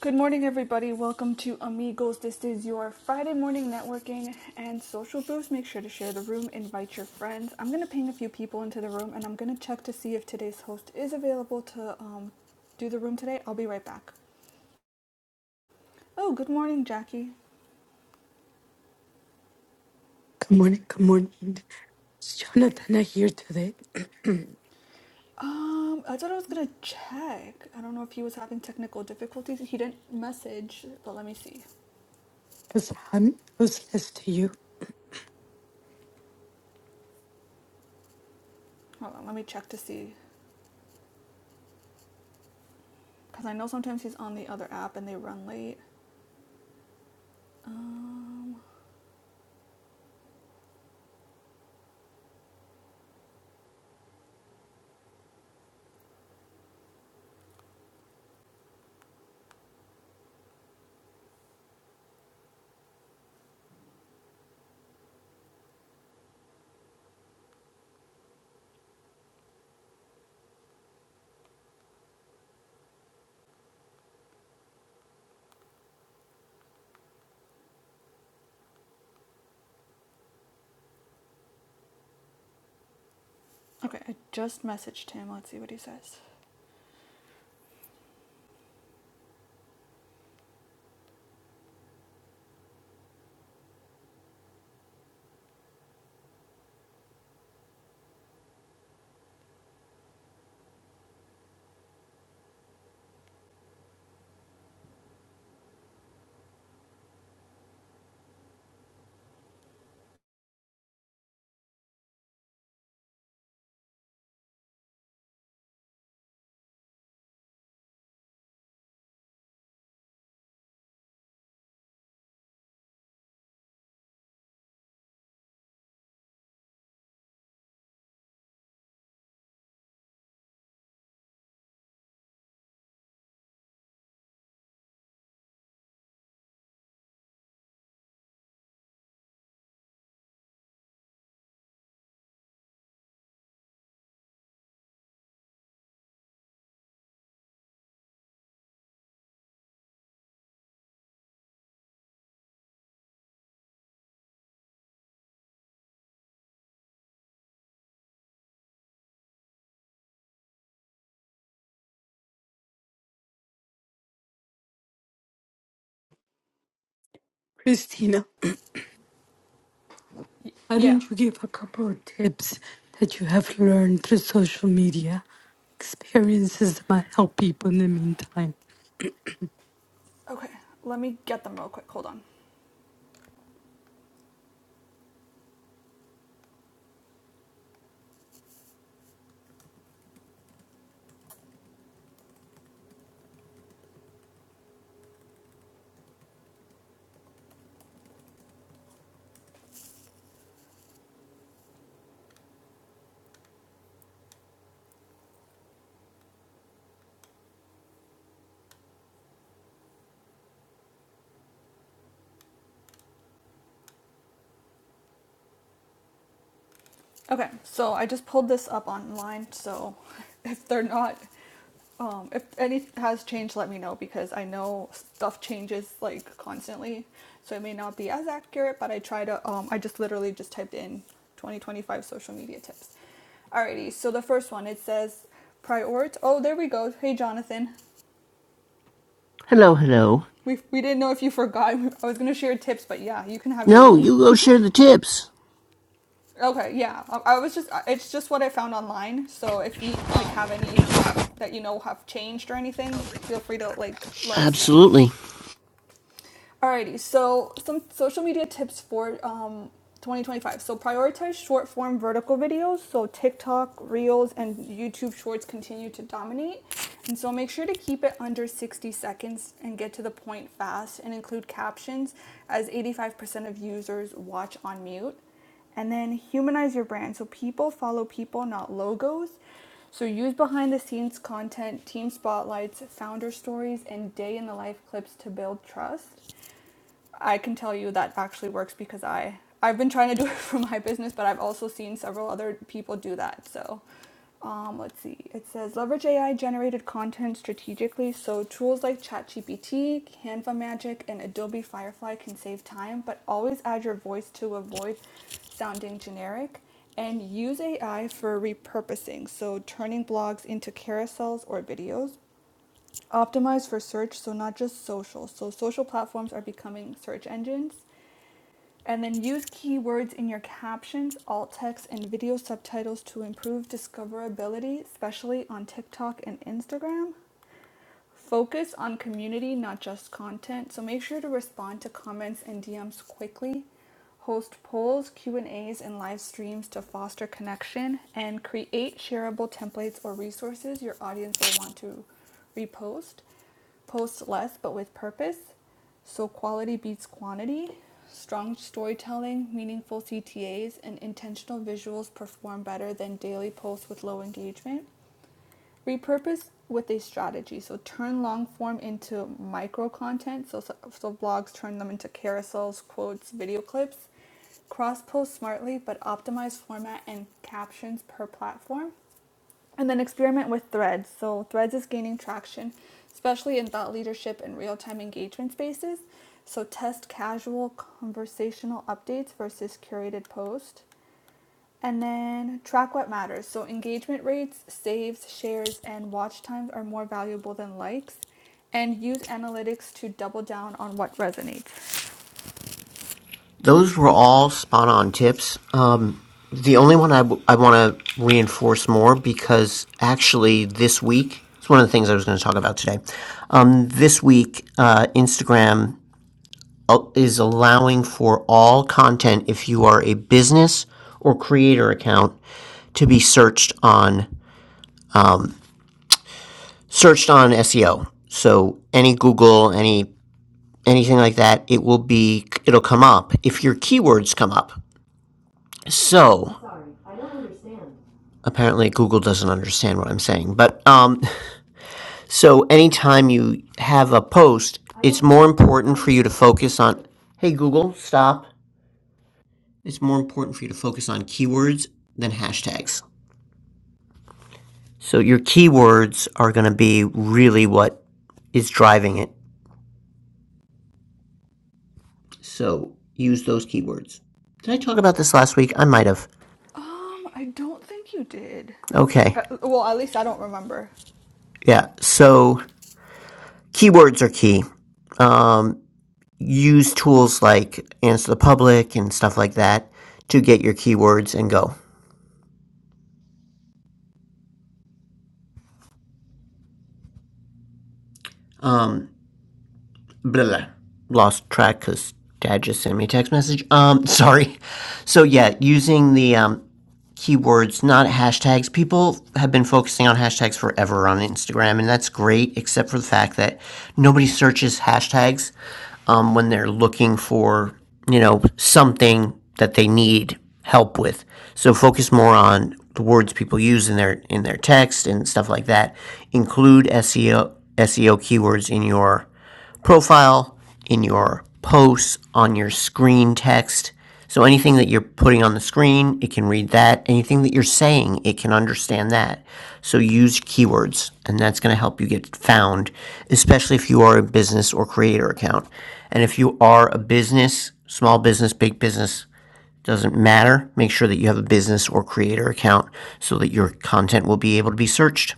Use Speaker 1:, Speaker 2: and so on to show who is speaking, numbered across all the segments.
Speaker 1: Good morning, everybody. Welcome to Amigos. This is your Friday morning networking and social boost. Make sure to share the room, invite your friends. I'm going to ping a few people into the room and I'm going to check to see if today's host is available to um, do the room today. I'll be right back. Oh, good morning, Jackie.
Speaker 2: Good morning. Good morning. It's Jonathan here today? Because
Speaker 1: Um, I thought I was going to check. I don't know if he was having technical difficulties. He didn't message, but let me see.
Speaker 2: I'm useless to you.
Speaker 1: Hold on, let me check to see because I know sometimes he's on the other app and they run late. Um, Okay, I just messaged him. Let's see what he says.
Speaker 2: Christina,
Speaker 1: Y-
Speaker 2: why
Speaker 1: yeah.
Speaker 2: don't you give a couple of tips that you have learned through social media? Experiences that might help people in the meantime.
Speaker 1: Okay, let me get them real quick. Hold on. Okay, so I just pulled this up online. So if they're not, um, if any has changed, let me know because I know stuff changes like constantly. So it may not be as accurate, but I try to, um, I just literally just typed in 2025 social media tips. Alrighty, so the first one it says prioritize. Oh, there we go. Hey, Jonathan.
Speaker 3: Hello, hello.
Speaker 1: We, we didn't know if you forgot. I was going to share tips, but yeah, you can have your
Speaker 3: No,
Speaker 1: room.
Speaker 3: you go share the tips.
Speaker 1: Okay, yeah. I, I was just it's just what I found online. So if you like have any um that you know have changed or anything, feel free to like let us know.
Speaker 3: Absolutely.
Speaker 1: Alrighty. So some social media tips for um 2025. So prioritize short form vertical videos. So TikTok, Reels, and YouTube Shorts continue to dominate. And so make sure to keep it under 60 seconds and get to the point fast and include captions as 85% of users watch on mute. And then humanize your brand. So people follow people, not logos. So use behind the scenes content, team spotlights, founder stories, and day in the life clips to build trust. I can tell you that actually works because I I've been trying to do it for my business, but I've also seen several other people do that. So, um, let's see. It says leverage AI generated content strategically. So tools like ChatGPT, Canva Magic, and Adobe Firefly can save time, but always add your voice to avoid sounding generic. And use AI for repurposing, so turning blogs into carousels or videos. Optimize for search, so not just social. So social platforms are becoming search engines. And then use keywords in your captions, alt text, and video subtitles to improve discoverability, especially on TikTok and Instagram. Focus on community, not just content. So make sure to respond to comments and DMs quickly. Host polls, Q&As, and A's, and live streams to foster connection and create shareable templates or resources your audience will want to repost. Post less but with purpose. So quality beats quantity. Strong storytelling, meaningful CTAs, and intentional visuals perform better than daily posts with low engagement repurpose with a strategy so turn long form into micro content so, so, so blogs turn them into carousels quotes video clips cross post smartly but optimize format and captions per platform and then experiment with threads so threads is gaining traction especially in thought leadership and real-time engagement spaces so test casual conversational updates versus curated posts. And then track what matters. So engagement rates, saves, shares, and watch times are more valuable than likes. And use analytics to double down on what resonates.
Speaker 3: Those were all spot on tips. Um, the only one I, w- I want to reinforce more because actually this week, it's one of the things I was going to talk about today. Um, this week, uh, Instagram uh, is allowing for all content if you are a business or creator account to be searched on searched on SEO. So any Google, any anything like that, it will be it'll come up if your keywords come up. So apparently Google doesn't understand what I'm saying, but um, so anytime you have a post, it's more important for you to focus on. Hey Google, stop. It's more important for you to focus on keywords than hashtags. So your keywords are going to be really what is driving it. So use those keywords. Did I talk about this last week? I might have.
Speaker 1: Um, I don't think you did.
Speaker 3: Okay.
Speaker 1: Uh, well, at least I don't remember.
Speaker 3: Yeah. So keywords are key. Um, use tools like Answer the Public and stuff like that to get your keywords and go. Um, blah, blah, lost track because dad just sent me a text message. Um, sorry. So yeah, using the um, keywords, not hashtags. People have been focusing on hashtags forever on Instagram, and that's great, except for the fact that nobody searches hashtags um, when they're looking for you know something that they need help with. So focus more on the words people use in their in their text and stuff like that. Include SEO SEO keywords in your profile, in your posts, on your screen text. So anything that you're putting on the screen, it can read that. Anything that you're saying, it can understand that. So use keywords, and that's going to help you get found, especially if you are a business or creator account. And if you are a business, small business, big business, doesn't matter. Make sure that you have a business or creator account so that your content will be able to be searched.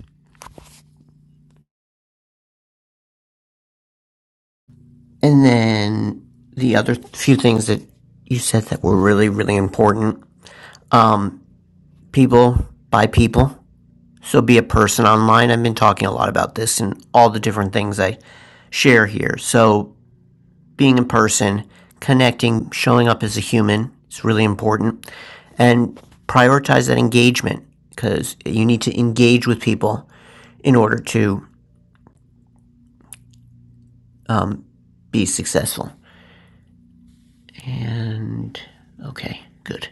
Speaker 3: And then the other few things that you said that were really, really important. Um, people by people. So be a person online. I've been talking a lot about this and all the different things I share here. So being in person, connecting, showing up as a human is really important. And prioritize that engagement because you need to engage with people in order to be successful. And okay, good.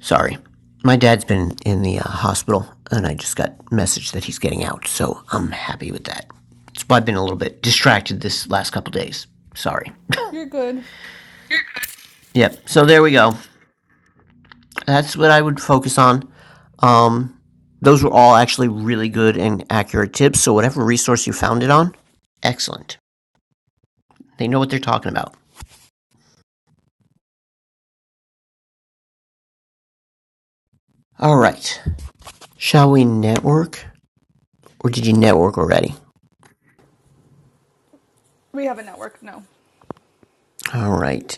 Speaker 3: Sorry. My dad's been in the uh, hospital, and I just got a message that he's getting out, so I'm happy with that. That's why I've been a little bit distracted this last couple days. Sorry.
Speaker 1: You're good.
Speaker 3: Yep. So there we go. That's what I would focus on. Um, those were all actually really good and accurate tips. So whatever resource you found it on, excellent. They know what they're talking about. All right. Shall we network, or did you network already?
Speaker 1: We have a network. No,
Speaker 3: All right.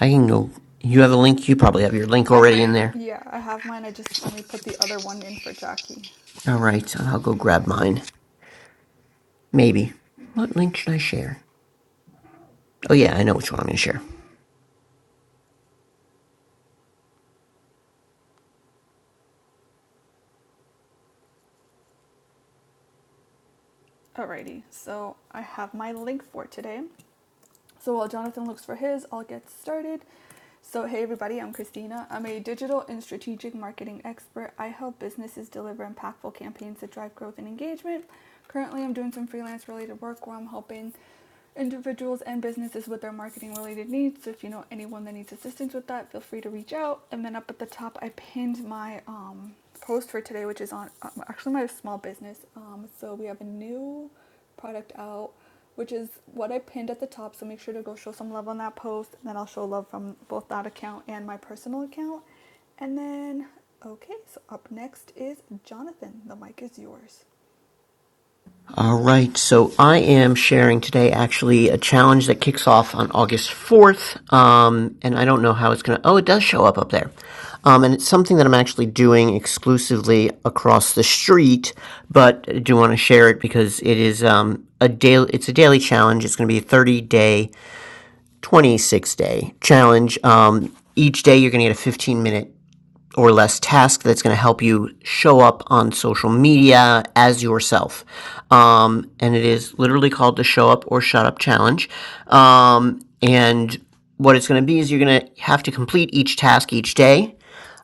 Speaker 3: I can go. You have a link. You probably have your link
Speaker 1: I.
Speaker 3: already in there.
Speaker 1: Yeah, I have mine. I just let me put the other one in for Jackie.
Speaker 3: All right, I'll go grab mine. Maybe. What link should I share? Oh, yeah, I know which one I'm going to share.
Speaker 1: Alrighty. So I have my link for today. So while Jonathan looks for his, I'll get started. So, hey everybody, I'm Christina. I'm a digital and strategic marketing expert. I help businesses deliver impactful campaigns that drive growth and engagement. Currently, I'm doing some freelance related work where I'm helping individuals and businesses with their marketing related needs. So if you know anyone that needs assistance with that, feel free to reach out. And then up at the top, I pinned my um, post for today, which is on um, actually my small business. Um, so we have a new product out, which is what I pinned at the top. So make sure to go show some love on that post. And then I'll show love from both that account and my personal account. And then, okay, so up next is Jonathan. The mic is yours.
Speaker 3: All right, so I am sharing today actually a challenge that kicks off on August 4th. Um, and I don't know how it's going to. Oh, it does show up up there. Um, and it's something that I'm actually doing exclusively across the street, but I do want to share it because it is um, a daily. It's a daily challenge. It's going to be a 30 day, 26 day challenge. Um, each day you're going to get a 15 minute or less task that's going to help you show up on social media as yourself. Um, and it is literally called the Show Up or Shut Up Challenge. Um, and what it's going to be is you're going to have to complete each task each day.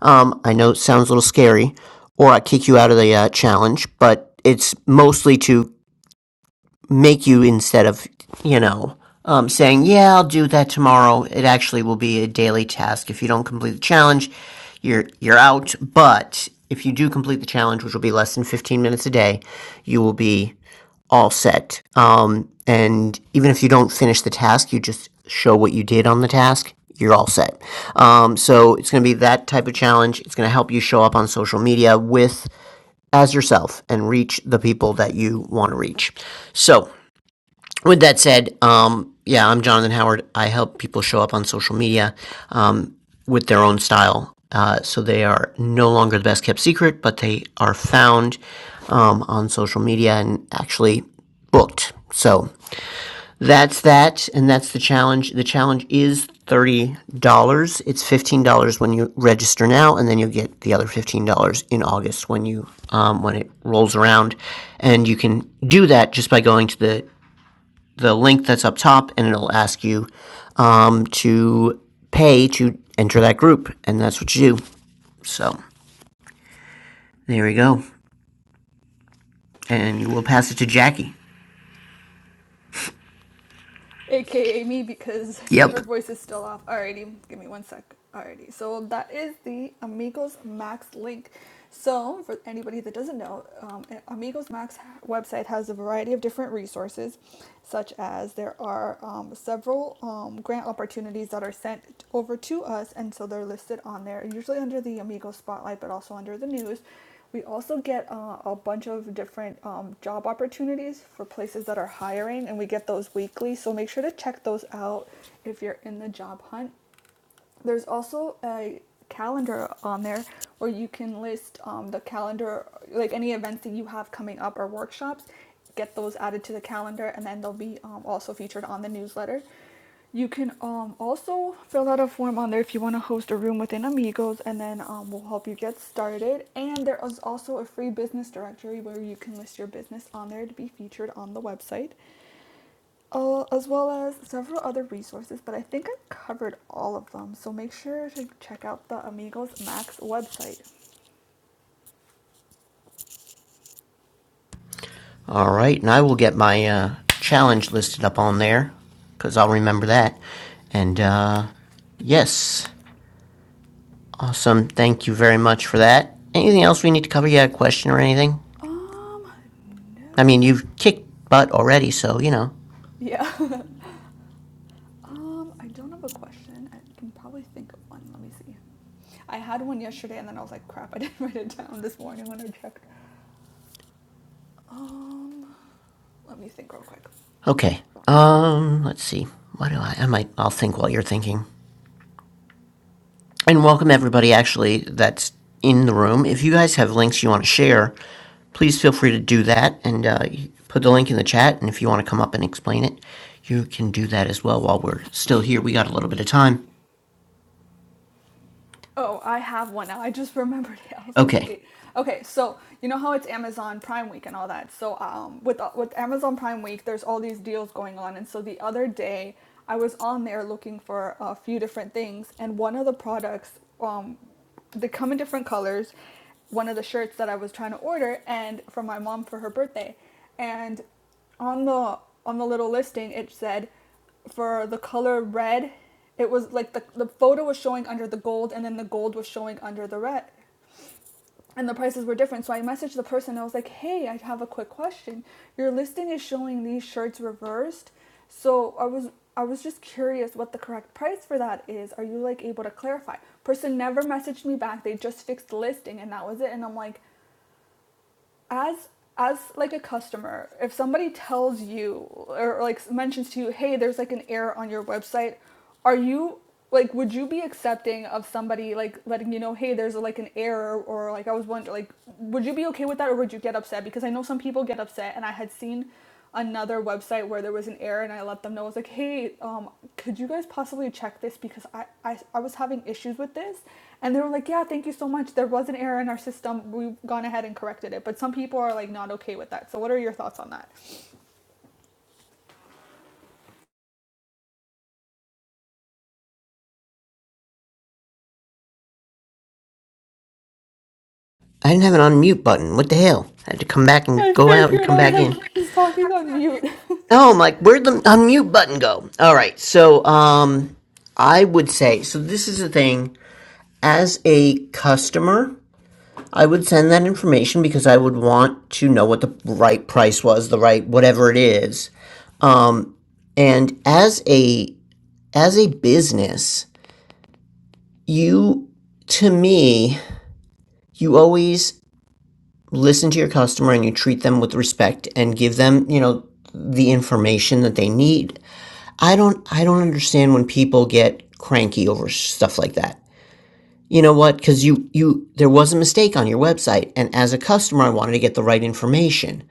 Speaker 3: Um, I know it sounds a little scary, or I kick you out of the uh, challenge, but it's mostly to make you instead of you know um, saying yeah i'll do that tomorrow it actually will be a daily task if you don't complete the challenge you're you're out but if you do complete the challenge which will be less than 15 minutes a day you will be all set um, and even if you don't finish the task you just show what you did on the task you're all set um, so it's going to be that type of challenge it's going to help you show up on social media with as yourself and reach the people that you want to reach. So, with that said, um, yeah, I'm Jonathan Howard. I help people show up on social media um, with their own style. Uh, so they are no longer the best kept secret, but they are found um, on social media and actually booked. So that's that, and that's the challenge. The challenge is thirty dollars. It's fifteen dollars when you register now, and then you'll get the other fifteen dollars in August when you um, when it rolls around. And you can do that just by going to the the link that's up top, and it'll ask you um, to pay to enter that group, and that's what you do. So there we go, and we'll pass it to Jackie.
Speaker 1: AKA me because her
Speaker 3: Yep.
Speaker 1: voice is still off. Alrighty, give me one sec. Alrighty, so that is the Amigos Max link. So, for anybody that doesn't know, um, Amigos Max website has a variety of different resources, such as there are um, several um, grant opportunities that are sent over to us, and so they're listed on there, usually under the Amigos spotlight, but also under the news we also get uh, a bunch of different um, job opportunities for places that are hiring, and we get those weekly. So make sure to check those out if you're in the job hunt. There's also a calendar on there where you can list um, the calendar, like any events that you have coming up or workshops. Get those added to the calendar, and then they'll be um, also featured on the newsletter. You can um, also fill out a form on there if you want to host a room within Amigos, and then um, we'll help you get started. And there is also a free business directory where you can list your business on there to be featured on the website uh, as well as several other resources, but I think I covered all of them. So make sure to check out the Amigos Max website.
Speaker 3: All right, and I will get my uh, challenge listed up on there because I'll remember that. And uh, yes, awesome. Thank you very much for that. Anything else we need to cover? You had a question or anything?
Speaker 1: Um,
Speaker 3: I mean,
Speaker 1: no.
Speaker 3: you've kicked butt already, so you know.
Speaker 1: Yeah. um, I don't have a question. I can probably think of one. Let me see. I had one yesterday and then I was like, crap, I didn't write it down this morning when I checked. Um, let me think real quick.
Speaker 3: Okay. Um, let's see. What do I? I might. I'll think while you're thinking. and welcome everybody actually that's in the room. If you guys have links you want to share, please feel free to do that and uh, put the link in the chat. And if you want to come up and explain it, you can do that as well while we're still here. We got a little bit of time.
Speaker 1: Oh, I have one now. I just remembered it. I was like,
Speaker 3: Okay.
Speaker 1: wait. Okay, so you know how it's Amazon Prime Week and all that. So um, with uh, with Amazon Prime Week, there's all these deals going on. And so the other day, I was on there looking for a few different things, and one of the products, um, they come in different colors. One of the shirts that I was trying to order, and for my mom for her birthday, and on the on the little listing, it said for the color red, it was like the, the photo was showing under the gold and then the gold was showing under the red. And the prices were different. So I messaged the person. I was like, hey, I have a quick question. Your listing is showing these shirts reversed. So I was I was just curious what the correct price for that is. Are you like able to clarify? Person never messaged me back. They just fixed the listing and that was it. And I'm like, as as like a customer, if somebody tells you or like mentions to you, hey, there's like an error on your website are you like would you be accepting of somebody like letting you know, hey, there's a, like an error or like I was wondering like would you be okay with that or would you get upset? Because I know some people get upset and I had seen another website where there was an error and I let them know I was like, hey, um, could you guys possibly check this because I, I I was having issues with this and they were like, yeah, thank you so much. There was an error in our system. We've gone ahead and corrected it. But some people are like not okay with that. So what are your thoughts on that?
Speaker 3: I didn't have an unmute button. What the hell? I had to come back and
Speaker 1: I
Speaker 3: go out and
Speaker 1: figured
Speaker 3: come
Speaker 1: I was
Speaker 3: back
Speaker 1: like,
Speaker 3: in.
Speaker 1: he's talking on mute.
Speaker 3: No, I'm like, where'd the unmute button go? All right. So, um, I would say, so this is the thing. As a customer, I would send that information because I would want to know what the right price was, the right whatever it is. Um, and as a as a business, you to me, you always listen to your customer and you treat them with respect and give them, you know, the information that they need. I don't I don't understand when people get cranky over stuff like that. you know what because you you there was a mistake on your website and as a customer i wanted to get the right information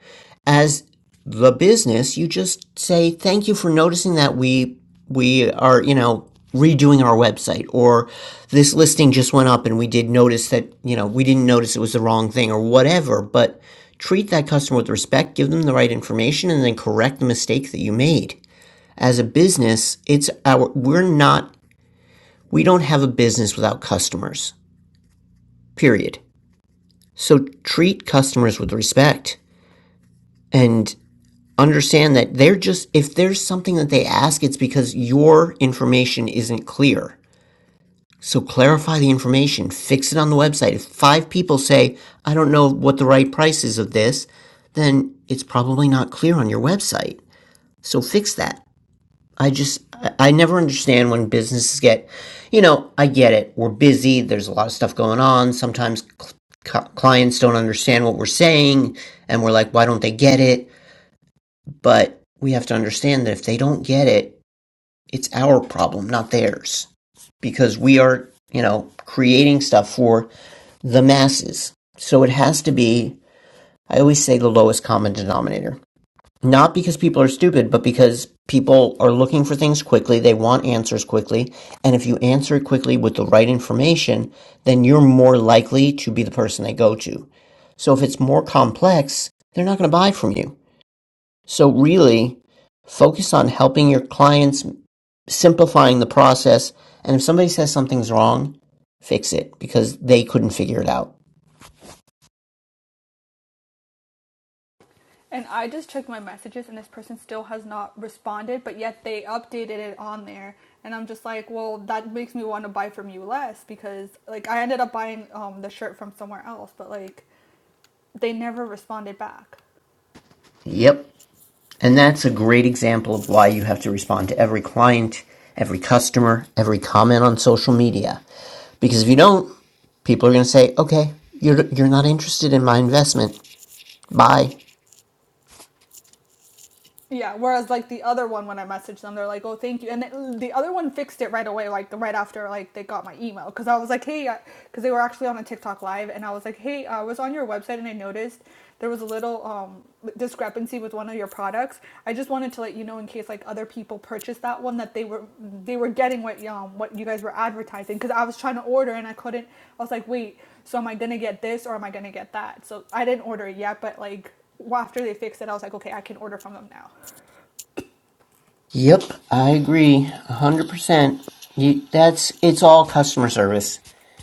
Speaker 3: as the business you just say thank you for noticing that we we are you know redoing our website or this listing just went up and we did notice that you know we didn't notice it was the wrong thing or whatever but treat that customer with respect give them the right information and then correct the mistake that you made as a business it's our we're not we don't have a business without customers period. So treat customers with respect and understand that they're just, if there's something that they ask, it's because your information isn't clear. So clarify the information, fix it on the website. If five people say, I don't know what the right price is of this, then it's probably not clear on your website. So fix that. I just I never understand when businesses get, you know, I get it. We're busy. There's a lot of stuff going on. Sometimes cl- clients don't understand what we're saying and we're like, why don't they get it? But we have to understand that if they don't get it, it's our problem, not theirs, because we are, you know, creating stuff for the masses. So it has to be I always say the lowest common denominator. Not because people are stupid, but because people are looking for things quickly. They want answers quickly. And if you answer it quickly with the right information, then you're more likely to be the person they go to. So if it's more complex, they're not going to buy from you. So really focus on helping your clients, simplifying the process. And if somebody says something's wrong, fix it because they couldn't figure it out.
Speaker 1: And I just checked my messages, and this person still has not responded, but yet they updated it on there. And I'm just like, well, that makes me want to buy from you less because, like, I ended up buying um, the shirt from somewhere else, but, like, they never responded back.
Speaker 3: Yep. And that's a great example of why you have to respond to every client, every customer, every comment on social media. Because if you don't, people are going to say, okay, you're, you're not interested in my investment. Bye.
Speaker 1: Yeah. Whereas like the other one, when I messaged them, they're like, "Oh, thank you," and it, the other one fixed it right away, like right after like they got my email, because I was like, "Hey," because they were actually on a TikTok live, and I was like, "Hey, uh, I was on your website and I noticed there was a little um, discrepancy with one of your products. I just wanted to let you know in case like other people purchased that one that they were they were getting what um what you guys were advertising because I was trying to order and I couldn't. I was like, wait, so am I gonna get this or am I gonna get that? So I didn't order it yet, but like well, after they fixed it, I was like, okay, I can order from them now.
Speaker 3: Yep, I agree, a hundred percent. You that's it's all customer service.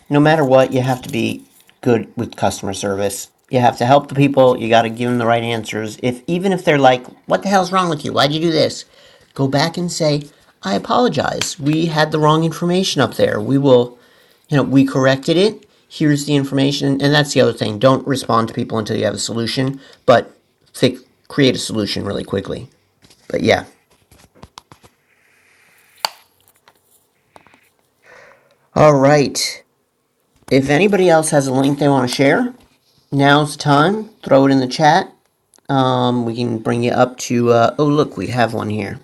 Speaker 3: No matter what, you have to be good with customer service. You have to help the people. You got to give them the right answers. If even if they're like, "What the hell's wrong with you? Why'd you do this?" Go back and say, "I apologize. We had the wrong information up there. We will, you know, we corrected it. Here's the information." And that's the other thing. Don't respond to people until you have a solution, but fi- create a solution really quickly. But yeah. All right. If anybody else has a link they want to share, now's the time. Throw it in the chat. Um, we can bring you up to. Uh, oh, look, we have one here.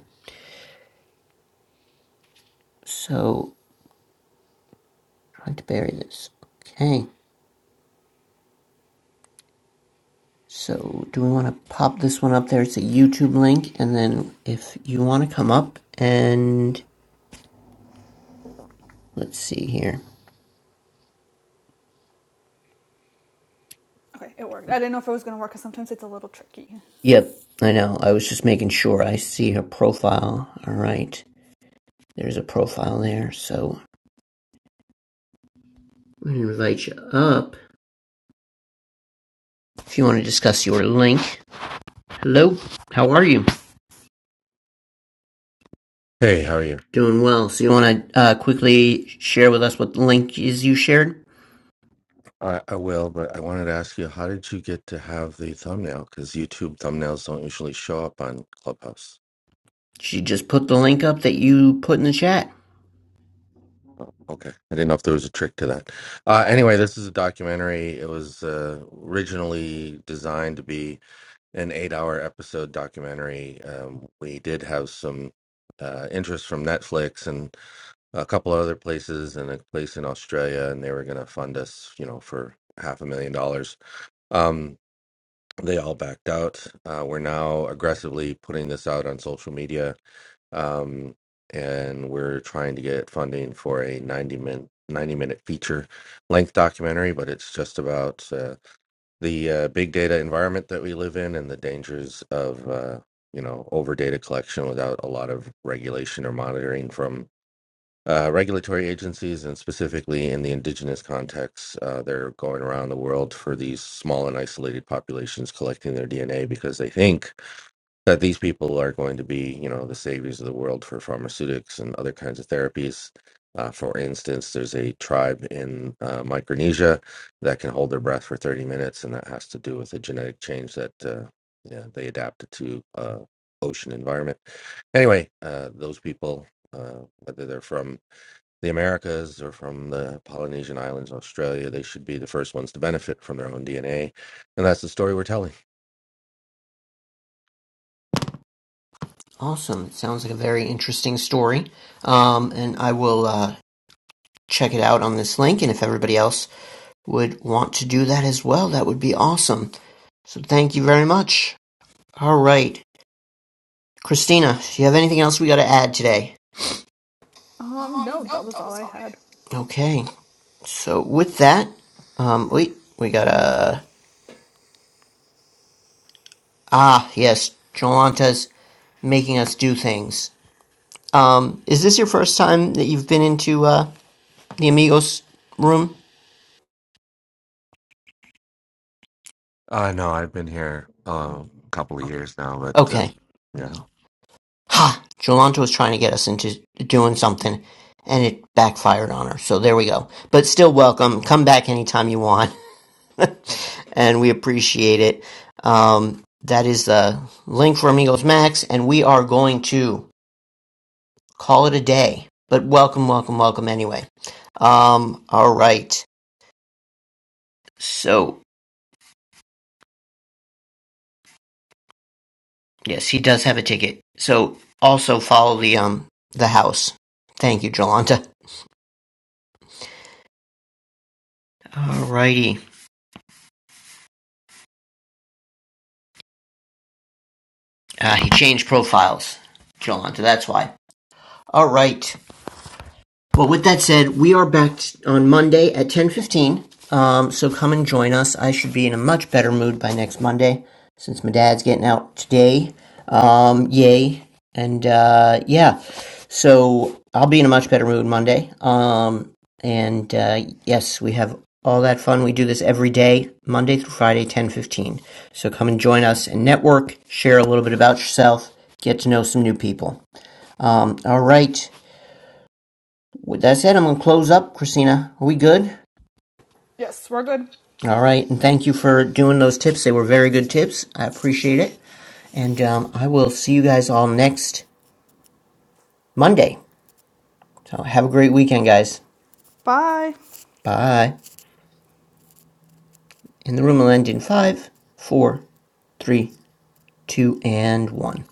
Speaker 3: So, trying to bury this. Okay. So, do we want to pop this one up there? It's a YouTube link. And then, if you want to come up and let's see here.
Speaker 1: Okay, it worked. I didn't know if it was gonna work because sometimes it's a little tricky.
Speaker 3: Yep, I know. I was just making sure I see her profile. All right. There's a profile there. So, I'm going to invite you up. if you want to discuss your link. Hello, how are you?
Speaker 4: Hey, how are you?
Speaker 3: Doing well. So you want to uh, quickly share with us what the link is you shared?
Speaker 4: I, I will, but I wanted to ask you, how did you get to have the thumbnail? Because YouTube thumbnails don't usually show up on Clubhouse.
Speaker 3: She just put the link up that you put in the chat.
Speaker 4: Oh, okay. I didn't know if there was a trick to that. Uh, anyway, this is a documentary. It was uh, originally designed to be an eight-hour episode documentary. Um, we did have some uh, interest from Netflix and a couple of other places, and a place in Australia, and they were going to fund us, you know, for half a million dollars. Um, they all backed out. Uh, we're now aggressively putting this out on social media, um, and we're trying to get funding for a 90 minute 90 minute feature length documentary but it's just about uh, the uh, big data environment that we live in and the dangers of uh, you know over data collection without a lot of regulation or monitoring from uh, regulatory agencies, and specifically in the indigenous context, uh, they're going around the world for these small and isolated populations collecting their DNA because they think that these people are going to be, you know, the saviors of the world for pharmaceutics and other kinds of therapies. Uh, for instance, there's a tribe in uh, Micronesia that can hold their breath for 30 minutes, and that has to do with a genetic change that uh, yeah, they adapted to uh, ocean environment. Anyway, uh, those people, uh, whether they're from the Americas or from the Polynesian islands, Australia, they should be the first ones to benefit from their own DNA. And that's the story we're telling.
Speaker 3: Awesome. It sounds like a very interesting story. Um, and I will uh, check it out on this link. And if everybody else would want to do that as well, that would be awesome. So thank you very much. All right. Christina, do you have anything else we got to add today?
Speaker 1: Um, no, that was all I had.
Speaker 3: Okay. So with that, um, wait, we got a Uh, Ah, yes, Jolanta's making us do things. Um, is this your first time that you've been into uh, the Amigos room?
Speaker 4: I know I've been here uh, a couple of years now, but uh,
Speaker 3: Okay.
Speaker 4: yeah.
Speaker 3: Ha! Jolanta was trying to get us into doing something, and it backfired on her. So there we go. But still, welcome. Come back anytime you want, and we appreciate it. Um, that is the link for Amigos Max, and we are going to call it a day. But welcome, welcome, welcome anyway. Um, all right. So Yes, he does have a ticket. So also follow the um the house. Thank you, Jolanta. Alrighty. Uh, he changed profiles, Jolanta. That's why. All right. Well, with that said, we are back on Monday at 10:15. Um, so come and join us. I should be in a much better mood by next Monday since my dad's getting out today. Um, yay. And uh, yeah. So I'll be in a much better mood Monday. Um, and uh, yes, we have all that fun. We do this every day, Monday through Friday, 10:15. So come and join us and network, share a little bit about yourself, get to know some new people. Um, all right. With that said, I'm going to close up, Christina. Are we good?
Speaker 1: Yes, we're good.
Speaker 3: All right. And thank you for doing those tips. They were very good tips. I appreciate it. And um, I will see you guys all next Monday. So have a great weekend, guys.
Speaker 1: Bye.
Speaker 3: Bye. And the room will end in five, four, three, two, and one.